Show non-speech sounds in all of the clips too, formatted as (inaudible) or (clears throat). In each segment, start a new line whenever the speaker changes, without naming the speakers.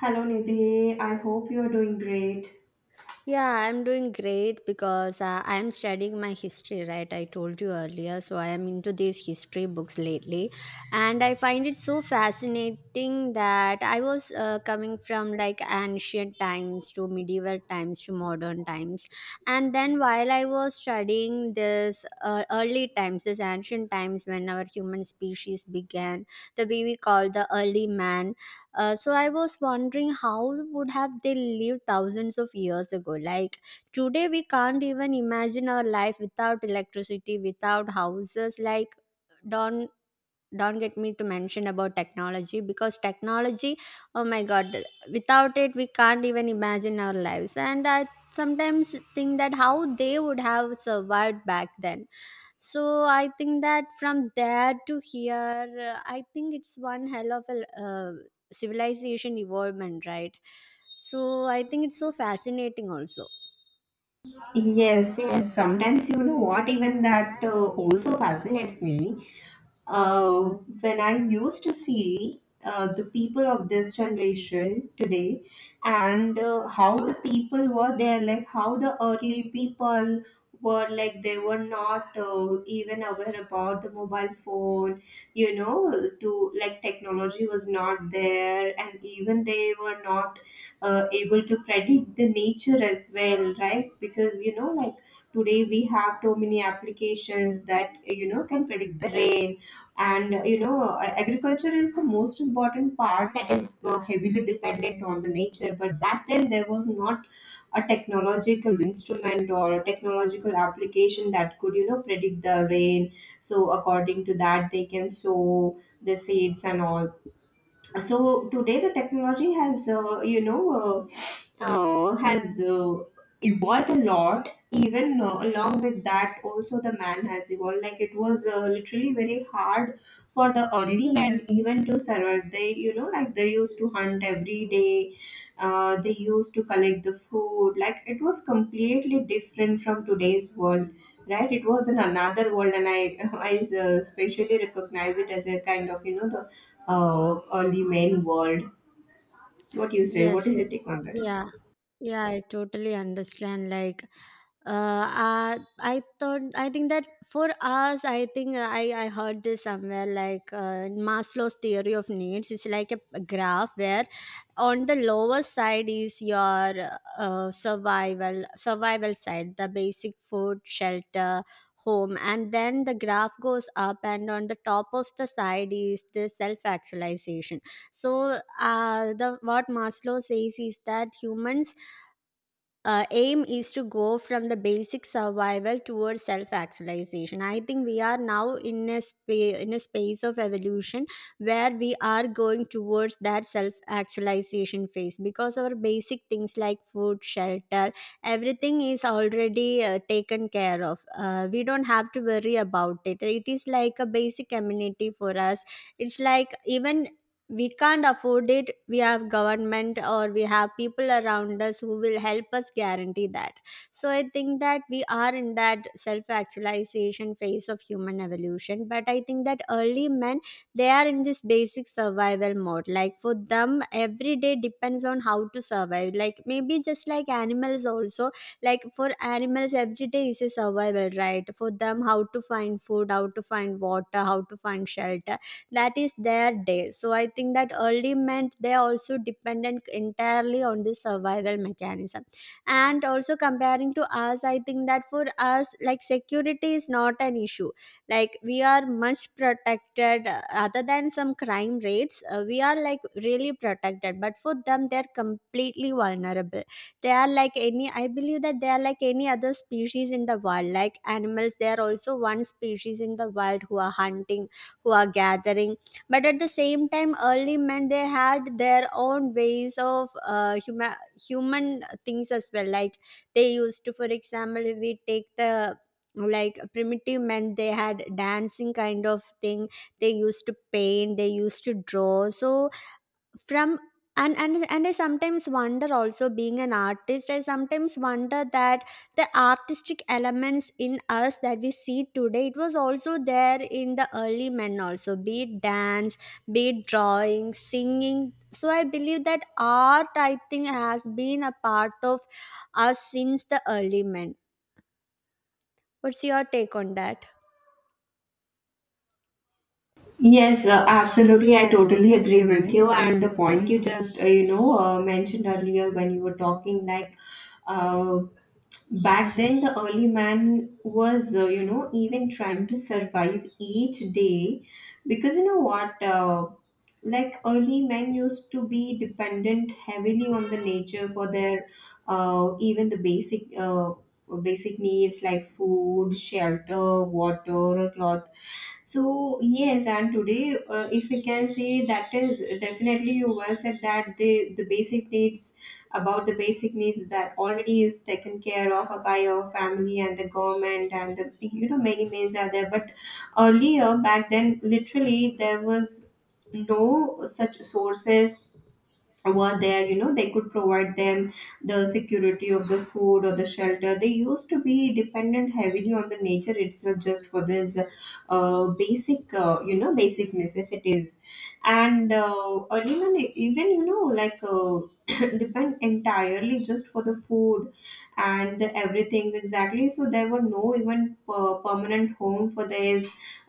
Hello Nidhi, I hope you're doing great.
Yeah, I'm doing great because I'm studying my history, right? I told you earlier. So I am into these history books lately. And I find it so fascinating that I was coming from like ancient times to medieval times to modern times. And then while I was studying this early times, this ancient times when our human species began, the way we call the early man. So I was wondering how would have they lived thousands of years ago? Like today, we can't even imagine our life without electricity, without houses. Like don't don't get me to mention about technology because technology, oh my god, without it we can't even imagine our lives. And I sometimes think that how they would have survived back then. So I think that from there to here, I think it's one hell of a civilization evolvement, right? So I think it's so fascinating also.
Yes, yes. Sometimes you know what, even that also fascinates me. uh, when I used to see the people of this generation today, and how the people were there, like how the early people were, like they were not even aware about the mobile phone, you know, to like technology was not there, and even they were not able to predict the nature as well, right? Because you know, like today we have so many applications that, you know, can predict the rain. And, you know, agriculture is the most important part that is heavily dependent on the nature. But back then there was not a technological instrument or a technological application that could, you know, predict the rain, so according to that they can sow the seeds and all. So today the technology has you know has evolved a lot. Even along with that, also the man has evolved. Like it was literally very hard for the early men even to survive. They, like they used to hunt every day. They used to collect the food. Like it was completely different from today's world. Right, it was in another world, and I, (laughs) I especially recognize it as a kind of, the early main world. What do you say? What
Yes,
is your
yes.
take on that?
Yeah. Yeah, I totally understand. Like, I think that for us, I think I heard this somewhere like in Maslow's theory of needs. It's like a graph where on the lower side is your survival side, the basic food, shelter, home. And then the graph goes up, and on the top of the side is the self actualization. So, the what Maslow says is that humans, aim is to go from the basic survival towards self actualization. I think we are now in a space of evolution where we are going towards that self actualization phase because our basic things like food, shelter, everything is already taken care of. We don't have to worry about it. It is like a basic amenity for us. It's like even we can't afford it, we have government or we have people around us who will help us guarantee that. So I think that we are in that self actualization phase of human evolution, but I think that early men, they are in this basic survival mode. Like for them, every day depends on how to survive, like maybe just like animals also. Like for animals, every day is a survival, right? For them, how to find food, how to find water, how to find shelter, that is their day. So I think that early meant they are also dependent entirely on the survival mechanism. And also comparing to us, I think that for us, like security is not an issue. Like we are much protected, other than some crime rates. We are like really protected, but for them they're completely vulnerable. They are like any, I believe that they are like any other species in the wild, like animals, they are also one species in the wild who are hunting, who are gathering. But at the same time, early men, they had their own ways of human things as well. Like they used to, for example, if we take the, like primitive men, they had dancing kind of thing. They used to paint, they used to draw. So from and I sometimes wonder, also being an artist, I sometimes wonder that the artistic elements in us that we see today, it was also there in the early men also, be it dance, be it drawing, singing. So I believe that art, I think, has been a part of us since the early men. What's your take on that?
Yes, absolutely. I totally agree with you. And the point you just, mentioned earlier when you were talking, like, uh, back then the early man was, even trying to survive each day, because you know what, like early men used to be dependent heavily on the nature for their, even the basic needs, like food, shelter, water, or cloth. So yes, and today, if we can say, that is definitely, you well said that the basic needs, about the basic needs that already is taken care of by your family and the government and the, you know, many means are there. But earlier back then, literally there was no such sources were there, you know, they could provide them the security of the food or the shelter. They used to be dependent heavily on the nature itself, just for this basic, basic necessities, and or even you know, like, (coughs) (clears throat) depend entirely just for the food and the everything, exactly. So there were no even permanent home for their,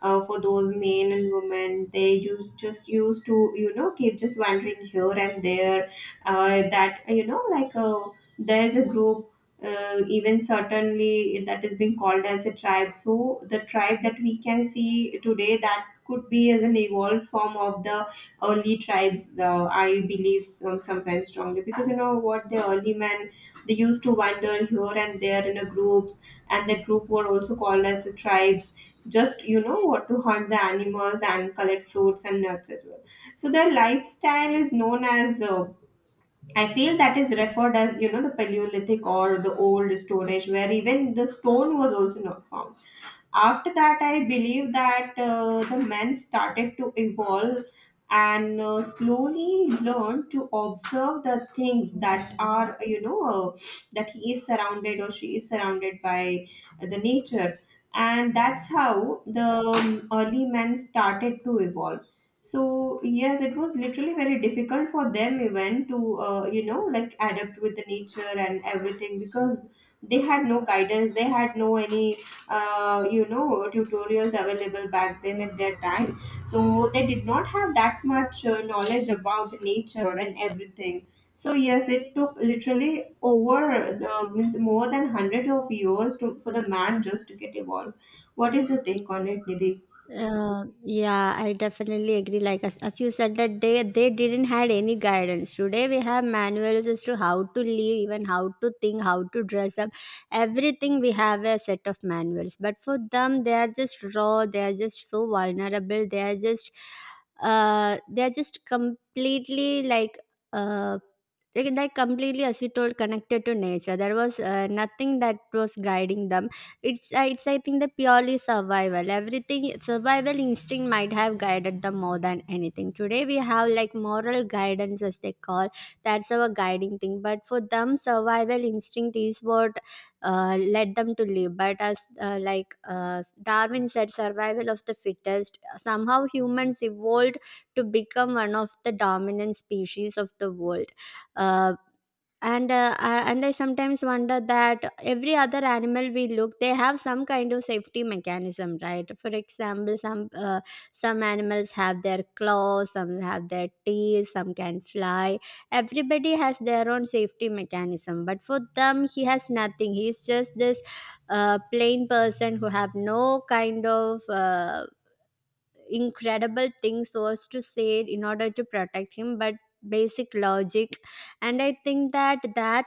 for those men and women. They used, just used to, you know, keep just wandering here and there, that you know, like, there's a group, even certainly, that is being called as a tribe. So the tribe that we can see today, that could be as an evolved form of the early tribes, I believe sometimes strongly, because you know what, the early men, they used to wander here and there in a groups, and that group were also called as the tribes, just you know what, to hunt the animals and collect fruits and nuts as well. So their lifestyle is known as, I feel, that is referred as, you know, the Paleolithic or the Old Storage, where even the stone was also not found. After that I believe that the men started to evolve, and slowly learn to observe the things that are, you know, that he is surrounded or she is surrounded by, the nature. And that's how the early men started to evolve. So yes, it was literally very difficult for them even to you know, like adapt with the nature and everything, because they had no guidance, they had no any you know, tutorials available back then at their time. So they did not have that much knowledge about the nature and everything. So yes, it took literally over the, means more than 100 of years to, for the man just to get evolved. What is your take on it, Nidhi?
Yeah, I definitely agree. Like as you said that they didn't had any guidance. Today we have manuals as to how to live, even how to think, how to dress up. Everything we have a set of manuals. But for them, they are just raw. They are just so vulnerable. They are just completely uh like completely, as you told, connected to nature. There was nothing that was guiding them. It's I think the purely survival, everything survival instinct might have guided them more than anything. Today we have like moral guidance, as they call, that's our guiding thing. But for them, survival instinct is what led them to live. But as like Darwin said, survival of the fittest, somehow humans evolved to become one of the dominant species of the world. Uh and I sometimes wonder that every other animal we look, they have some kind of safety mechanism, right? For example, some animals have their claws, some have their teeth, some can fly. Everybody has their own safety mechanism, but for them he has nothing. He's just this plain person who have no kind of incredible things, so as to say, in order to protect him. But basic logic. And I think that that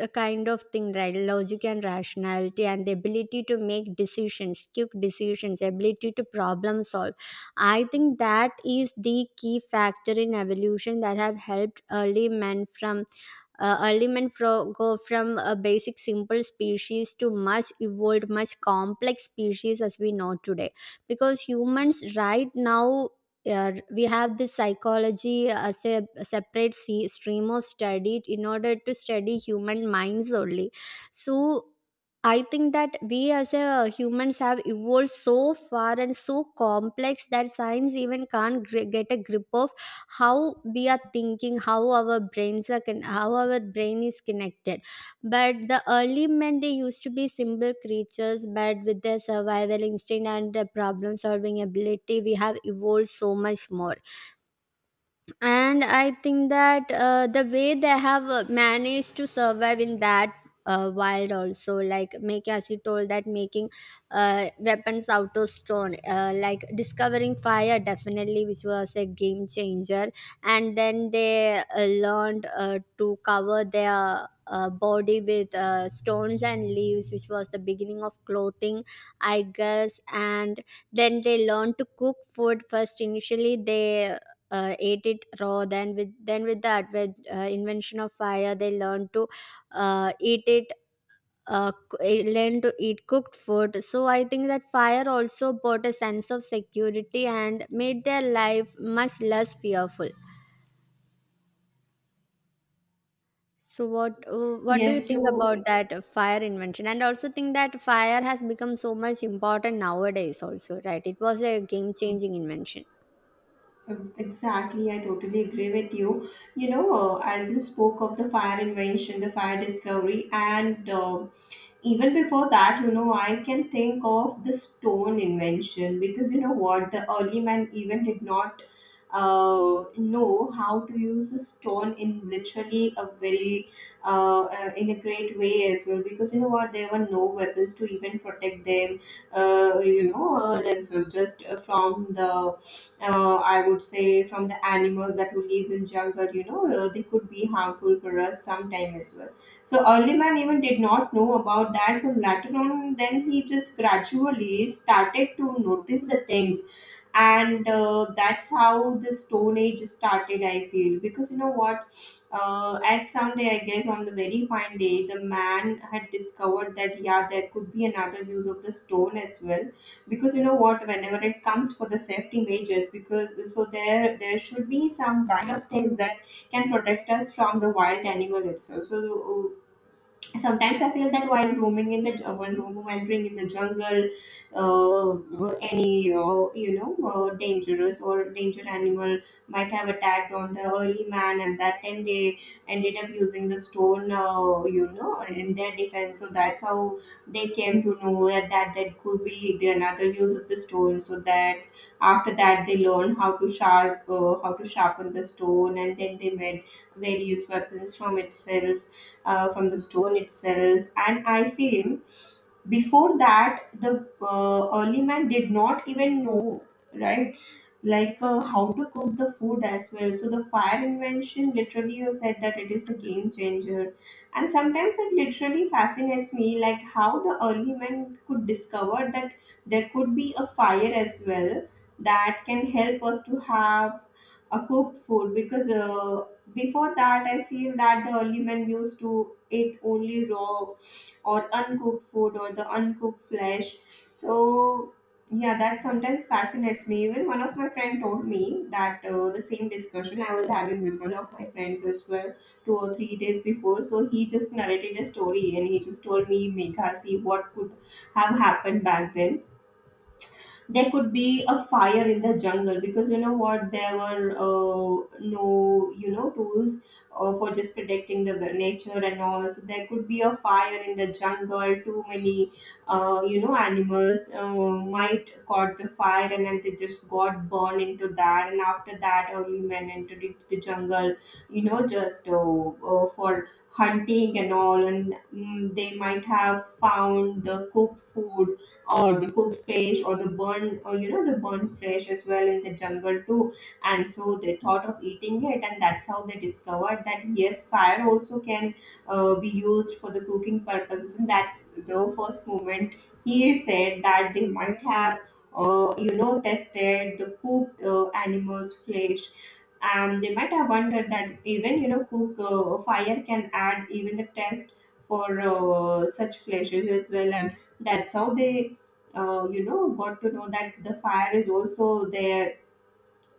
kind of thing, right, logic and rationality and the ability to make decisions, quick decisions, ability to problem solve, I think that is the key factor in evolution that have helped early men from early men fro- go from a basic simple species to much evolved much complex species as we know today. Because humans right now, we have this psychology as a separate stream of study in order to study human minds only. So I think that we as a humans have evolved so far and so complex that science even can't get a grip of how we are thinking, how our brain is connected. But the early men, they used to be simple creatures, but with their survival instinct and their problem solving ability, we have evolved so much more. And I think that the way they have managed to survive in that wild also, like make as you told, that making weapons out of stone, like discovering fire, definitely, which was a game changer. And then they learned to cover their body with stones and leaves, which was the beginning of clothing, I guess. And then they learned to cook food. First initially they ate it raw, then with the invention of fire they learned to eat it learn to eat cooked food. So I think that fire also brought a sense of security and made their life much less fearful. So what do you
Yes,
think
you
about that fire invention? And also think that fire has become so much important nowadays also, right? It was a game changing invention.
exactly, I totally agree with you. You know, as you spoke of the fire invention, the fire discovery, and even before that, you know, I can think of the stone invention. Because you know what, the early man even did not know how to use the stone in literally a very in a great way as well. Because you know what, there were no weapons to even protect them, themselves, just from the, I would say, from the animals that who lives in jungle, you know, they could be harmful for us sometime as well. So early man even did not know about that. So later on, then he just gradually started to notice the things, and that's how the Stone Age started, I feel. Because you know what, at some day I guess, on the very fine day, the man had discovered that yeah, there could be another use of the stone as well. Because you know what, whenever it comes for the safety measures, because so there should be some kind of things that can protect us from the wild animal itself. So sometimes I feel that while roaming in the, while wandering in the jungle, any dangerous or danger animal might have attacked on the early man, and that time they ended up using the stone, in their defense. So that's how they came to know that that could be the another use of the stone. So that after that, they learn how to sharpen the stone, and then they made various weapons from itself, from the stone itself. And I feel before that, the early man did not even know, right, like, how to cook the food as well. So the fire invention, literally you said that it is the game changer. And sometimes it literally fascinates me like how the early men could discover that there could be a fire as well that can help us to have a cooked food. Because before that I feel that the early men used to eat only raw or uncooked food or the uncooked flesh. So yeah, that sometimes fascinates me. Even one of my friend told me that the same discussion I was having with one of my friends as well 2 or 3 days before. So he just narrated a story and he just told me, Megha, see what could have happened back then. There could be a fire in the jungle, because you know what, there were no, you know, tools for just protecting the nature and all. So there could be a fire in the jungle, too many, animals might caught the fire, and then they just got burned into that. And after that, early men entered into the jungle, you know, just for hunting and all. And they might have found the cooked food or the cooked fish or the burned, or you know, the burned fish as well in the jungle too. And so they thought of eating it, and that's how they discovered that yes, fire also can be used for the cooking purposes. And that's the first moment, he said, that they might have tested the cooked, animals flesh. They might have wondered that, even you know, cook fire can add even the test for such flashes as well. And that's how they got to know that the fire is also there.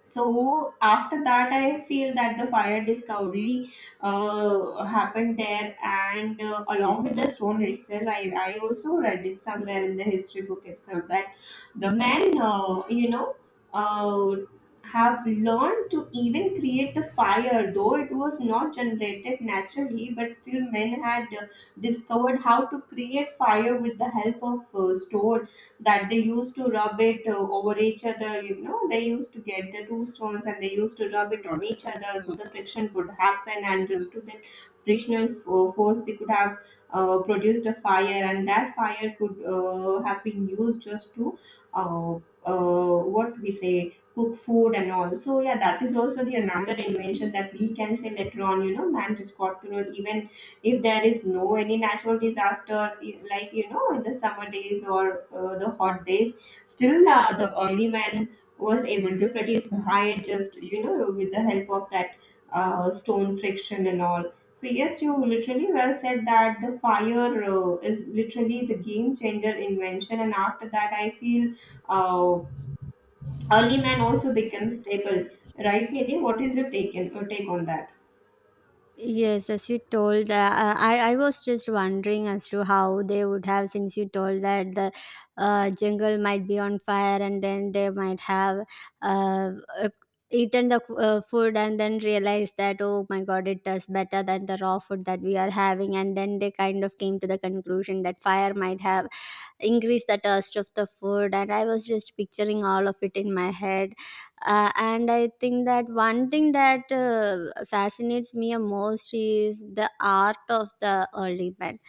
So after that I feel that the fire discovery happened there. And along with the stone itself, I also read it somewhere in the history book itself that the men uh, have learned to even create the fire, though it was not generated naturally, but still men had discovered how to create fire with the help of stones, that they used to rub it over each other. You know, they used to get the two stones and they used to rub it on each other so the friction could happen, and just to that frictional force, they could have produced a fire, and that fire could have been used just to uh, what we say, cook food and all. So yeah, that is also the another invention that we can say later on. You know, man just got to know even if there is no any natural disaster in the summer days or the hot days, still the early man was able to produce high just with the help of that stone friction and all. So yes, you literally well said that the fire is literally the game changer invention, and after that I feel uh, early man also becomes stable, right Nidhi? What is your take on that?
Yes, as you told, I was just wondering as to how they would have, since you told that the jungle might be on fire and then they might have uh, uh, eaten the food and then realized that oh my god, it tastes better than the raw food that we are having, and then they kind of came to the conclusion that fire might have increased the taste of the food, and I was just picturing all of it in my head. And I think that one thing that fascinates me most is the art of the early bed.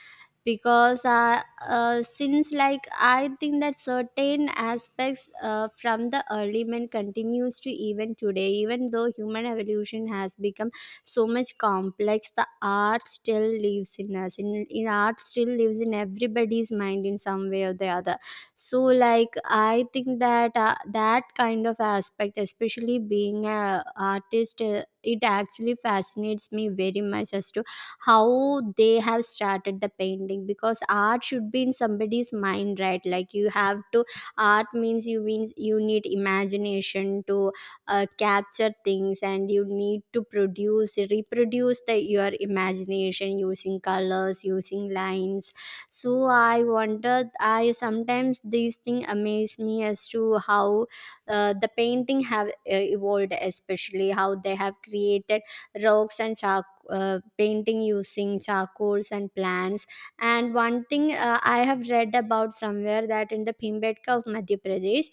Because since like I think that certain aspects from the early man continues to even today, even though human evolution has become so much complex, the art still lives in us, in art still lives in everybody's mind in some way or the other. So like I think that that kind of aspect, especially being a artist, it actually fascinates me very much as to how they have started the painting. Because art should be in somebody's mind, right? Like you have to art means you need imagination to capture things and you need to produce reproduce your imagination using colors, using lines. So I sometimes these things amaze me as to how the painting have evolved, especially how they have created rocks and charcoal, painting using charcoals and plants. And one thing, I have read about somewhere, that in the pimbedka of madhya pradesh,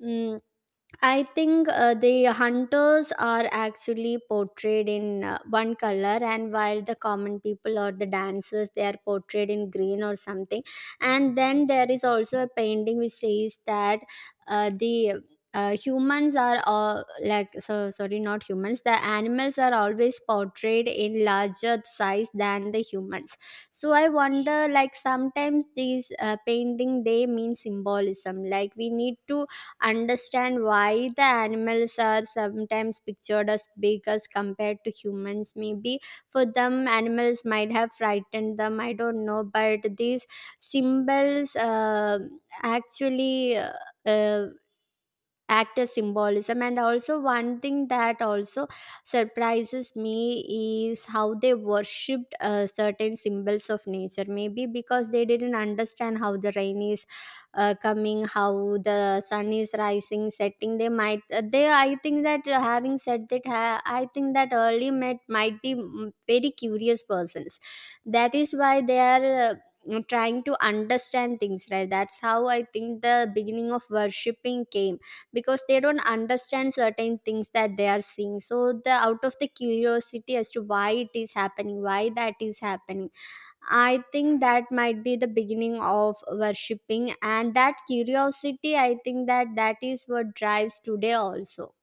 mm, I think the hunters are actually portrayed in one color, and while the common people or the dancers, they are portrayed in green or something. And then there is also a painting which says that the humans are all like, so sorry, not humans. The animals are always portrayed in larger size than the humans. So I wonder, like sometimes these painting they mean symbolism. Like we need to understand why the animals are sometimes pictured as big as compared to humans. Maybe for them, animals might have frightened them. I don't know, but these symbols actually. Uh, actor symbolism. And also, one thing that also surprises me is how they worshipped certain symbols of nature, maybe because they didn't understand how the rain is coming, how the sun is rising, setting. They might they I think that, having said that, I think that early met might be very curious persons. That is why they are trying to understand things, right? That's how I think the beginning of worshipping came, because they don't understand certain things that they are seeing. So the, out of the curiosity as to why it is happening, why that is happening, I think that might be the beginning of worshipping. And that curiosity, I think that that is what drives today also.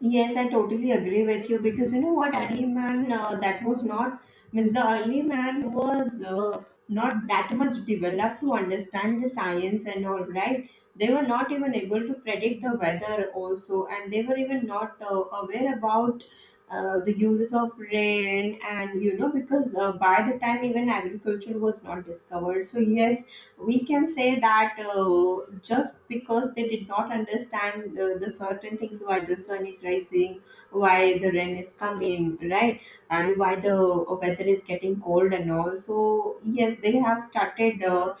Yes, I totally agree with you because you know what, early man, that was not, means the early man was not that much developed to understand the science and all, right? They were not even able to predict the weather also, and they were even not aware about the uses of rain, and you know, because by the time even agriculture was not discovered. So yes, we can say that just because they did not understand the certain things, why the sun is rising, why the rain is coming, right, and why the weather is getting cold and all. So yes, they have started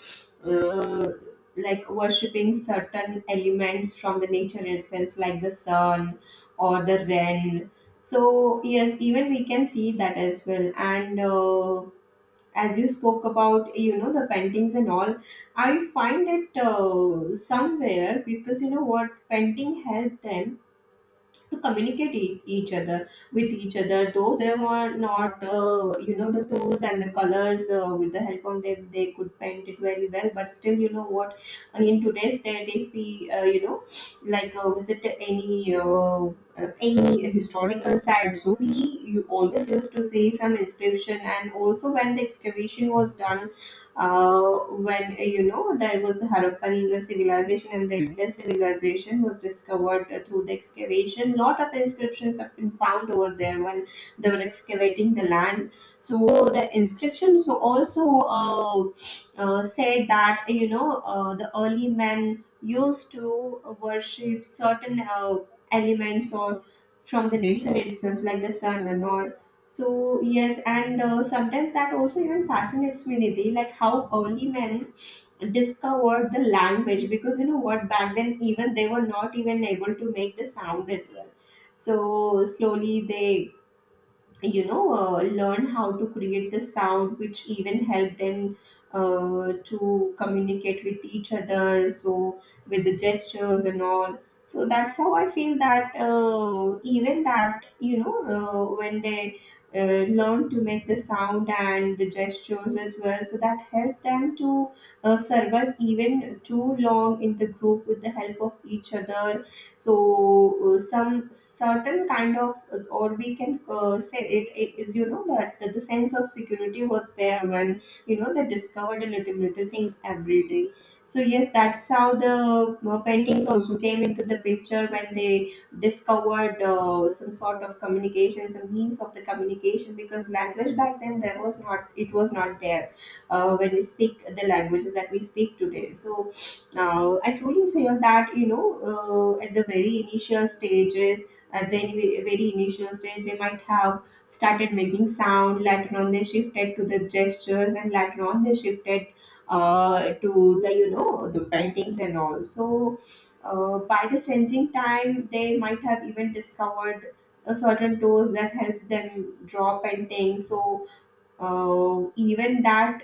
uh, like worshipping certain elements from the nature itself, like the sun or the rain. So yes, even we can see that as well. And as you spoke about, you know, the paintings and all, I find it somewhere because you know what, painting helped them to communicate e- each other with each other. Though they were not you know, the tools and the colors, with the help of them they could paint it very well. But still, you know what, in today's day, if we you know, like visit any any historical sites, we you always used to see some inscription. And also, when the excavation was done, uh, when you know, there was the Harappan civilization and the Indian civilization was discovered through the excavation. Lot of inscriptions have been found over there when they were excavating the land. So the inscriptions also said that, you know, the early men used to worship certain elements or from the nature itself, like the sun and all. So yes, and sometimes that also even fascinates me, Nidhi, like how early men discovered the language. Because you know what, back then even they were not even able to make the sound as well. So slowly they, you know, learn how to create the sound, which even help them to communicate with each other, so with the gestures and all. So that's how I feel that even that, you know, when they learn to make the sound and the gestures as well, so that help them to survive even too long in the group with the help of each other. So some certain kind of, or we can say it, it is, you know, that the sense of security was there when, you know, they discovered a little little things every day. So yes, that's how the paintings also came into the picture, when they discovered some sort of communication, some means of the communication, because language back then there was not, it was not there when we speak the languages that we speak today. So I truly feel that, you know, at the very initial stages, at the very very initial stage, they might have started making sound. Later on, they shifted to the gestures, and later on, they shifted to the, you know, the paintings and all. So by the changing time, they might have even discovered a certain tools that helps them draw paintings. So even that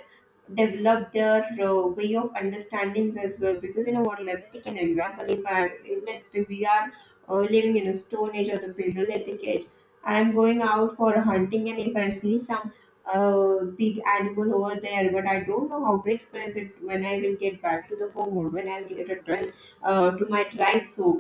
develop their way of understandings as well. Because you know what, let's take an example, if I let's say we are living in a stone age or the paleolithic age. I'm going out for hunting, and if I see some big animal over there, but I don't know how to express it when I will get back to the home, or when I'll get it returned to my tribe. So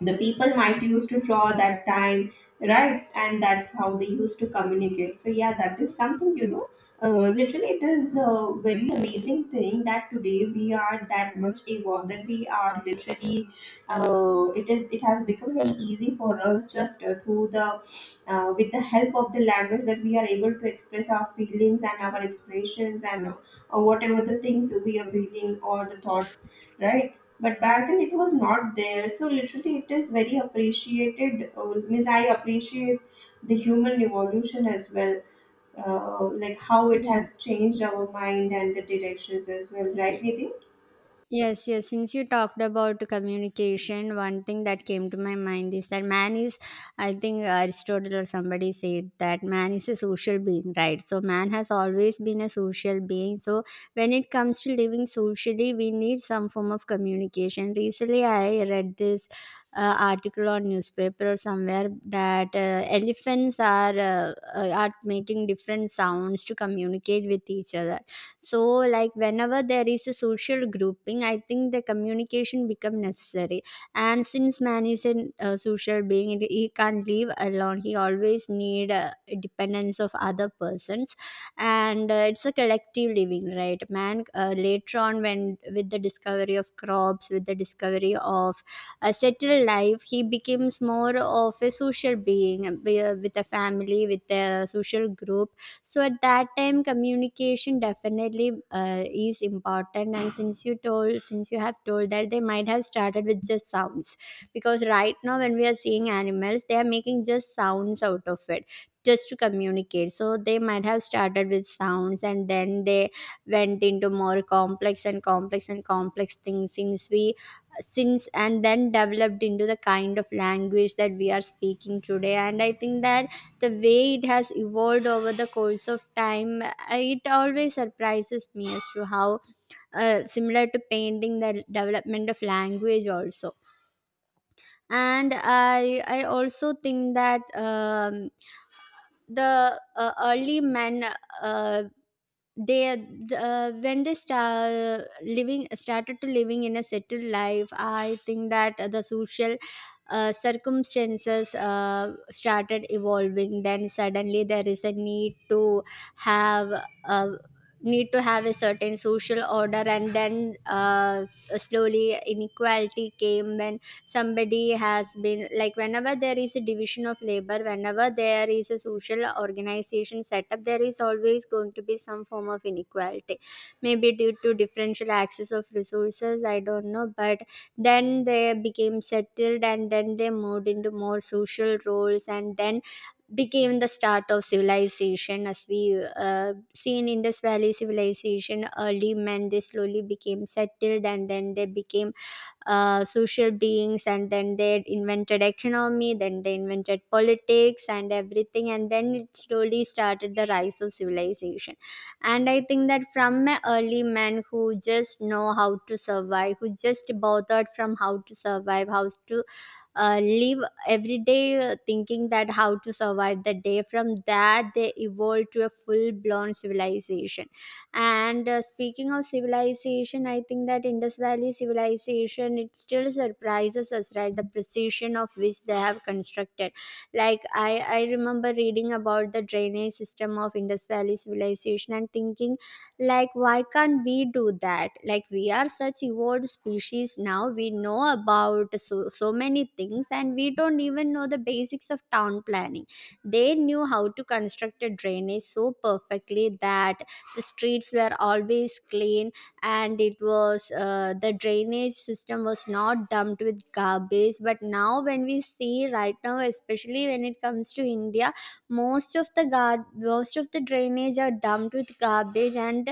the people might used to draw that time, right, and that's how they used to communicate. So yeah, that is something, you know, literally it is a very amazing thing that today we are that much evolved, that we are literally it is, it has become very easy for us just through the with the help of the language, that we are able to express our feelings and our expressions, and whatever the things we are feeling or the thoughts, right. But back then it was not there, so literally it is very appreciated. Means I appreciate the human evolution as well, like how it
Yeah.
has changed our mind and the directions as well, right Nidhi?
Yes, yes. Since you talked about communication, one thing that came to my mind is that man is, I think Aristotle or somebody said that man is a social being, right? So man has always been a social being. So when it comes to living socially, we need some form of communication. Recently, I read this article on newspaper or somewhere that elephants are making different sounds to communicate with each other. So like, whenever there is a social grouping, I think the communication become necessary. And since man is a social being and he can't live alone, he always need dependence of other persons. And it's a collective living, right? Man, later on, when with the discovery of crops, with the discovery of a settled life, he becomes more of a social being, with a family, with a social group. So at that time communication definitely is important. And since you told, since you have told that they might have started with just sounds, because right now when we are seeing animals, they are making just sounds out of it, just to communicate. So they might have started with sounds, and then they went into more complex and complex and complex things. Since and then developed into the kind of language that we are speaking today. And I think that the way it has evolved over the course of time, it always surprises me as to how, similar to painting, the development of language also. And I also think that, the early men, uh, they when they start living started to living in a settled life. I think that the social circumstances started evolving. Then suddenly there is a need to have a need to have a certain social order. And then slowly inequality came when somebody has been, like, whenever there is a division of labor, whenever there is a social organization set up, there is always going to be some form of inequality, maybe due to differential access of resources. I don't know. But then they became settled, and then they moved into more social roles, and then became the start of civilization as we see in Indus Valley civilization. Early men, they slowly became settled, and then they became social beings, and then they invented economy, then they invented politics and everything, and then it slowly started the rise of civilization. And I think that from an early man who just know how to survive, who just bothered from how to survive, how to live every day, thinking that how to survive the day, from that they evolved to a full blown civilization. And speaking of civilization, I think that Indus Valley civilization, it still surprises us, right? The precision of which they have constructed. Like, I remember reading about the drainage system of Indus Valley civilization and thinking, like, why can't we do that? Like, we are such evolved species now, we know about so, so many things, and we don't even know the basics of town planning. They knew how to construct a drainage so perfectly that the streets were always clean. And it was, the drainage system was not dumped with garbage. But now when we see right now, especially when it comes to India, most of the most of the drainage are dumped with garbage, and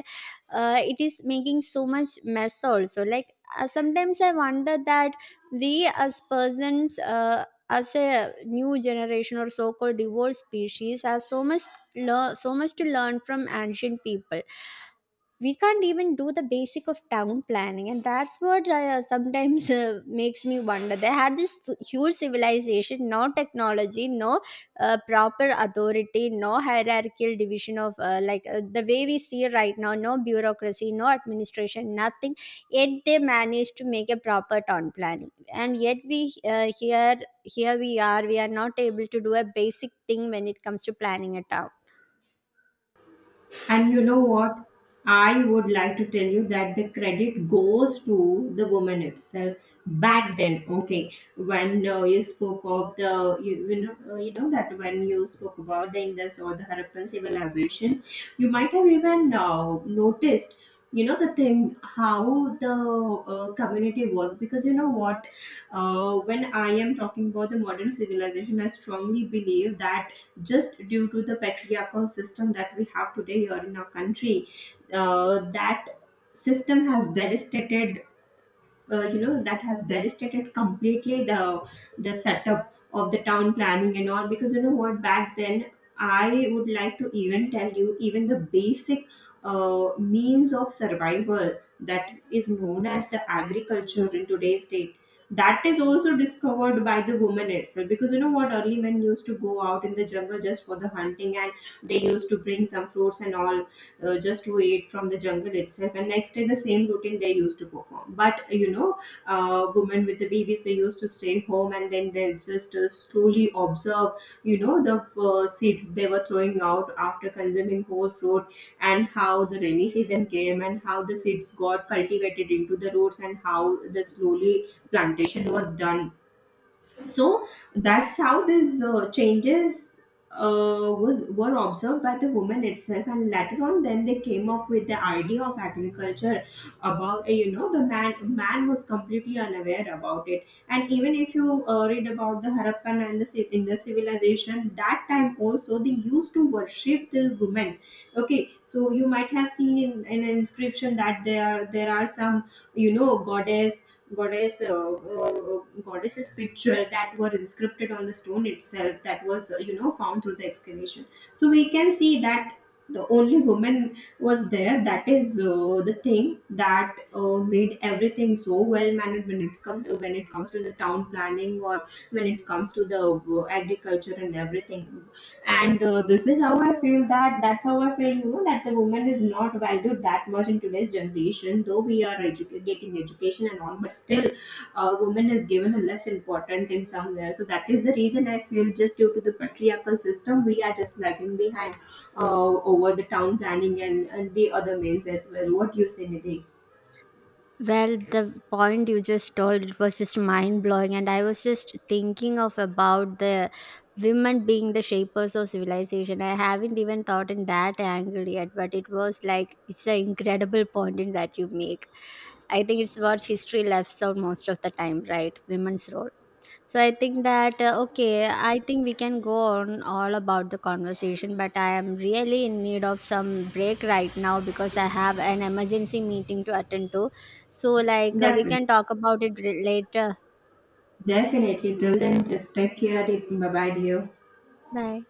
it is making so much mess also. Like, sometimes I wonder that we as persons, as a new generation or so-called evolved species, have so much so much to learn from ancient people. We can't even do the basic of town planning. And that's what, sometimes (laughs) makes me wonder, they had this huge civilization, no technology, no proper authority, no hierarchical division of, the way we see right now, no bureaucracy, no administration, nothing, yet they managed to make a proper town planning. And yet we, here we are, we are not able to do a basic thing when it comes to planning a town.
And you know what? I would like to tell you that the credit goes to the woman itself back then. Okay, when you spoke of the that when you spoke about the Indus or the Harappan civilization, you might have even noticed, you know, the thing how the community was. Because you know what, when I am talking about the modern civilization, I strongly believe that just due to the patriarchal system that we have today here in our country. That system has devastated you know, that has devastated completely the setup of the town planning and all. Because you know what, back then, I would like to even tell you even the basic means of survival, that is known as the agriculture in today's state, that is also discovered by the woman itself. Because you know what, early men used to go out in the jungle just for the hunting, and they used to bring some fruits and all just to eat from the jungle itself, and next day the same routine they used to perform. But you know, women with the babies, they used to stay home, and then they just slowly observe, you know, the seeds they were throwing out after consuming whole fruit, and how the rainy season came, and how the seeds got cultivated into the roots, and how the slowly plantation was done. So that's how these changes was were observed by the women itself, and later on then they came up with the idea of agriculture. About you know, the man was completely unaware about it. And even if you read about the Harappan and the civ- in the civilization, that time also they used to worship the women. Okay, so you might have seen in an inscription that there are some, you know, goddess's picture that were inscribed on the stone itself, that was you know, found through the excavation. So we can see that the only woman was there, that is the thing that made everything so well managed when it comes, when it comes to the town planning, or when it comes to the agriculture and everything. And this is how I feel that, that's how I feel, you know, that the woman is not valued that much in today's generation, though we are getting education and all, but still woman is given a less important in somewhere. So that is the reason I feel, just due to the patriarchal system, we are just lagging behind over the town planning and the other means as well. What do you say, Nidhi?
Well, the point you just told, it was just mind blowing, and I was just thinking of about the women being the shapers of civilization. I haven't even thought in that angle yet, but it was like, it's an incredible point in that you make. I think it's what history left out most of the time, right? Women's role. So I think that, okay, I think we can go on all about the conversation, but I am really in need of some break right now because I have an emergency meeting to attend to. So like, we can
Definitely,
talk about it later.
definitely, till then just take care. Bye bye, dear.
Bye.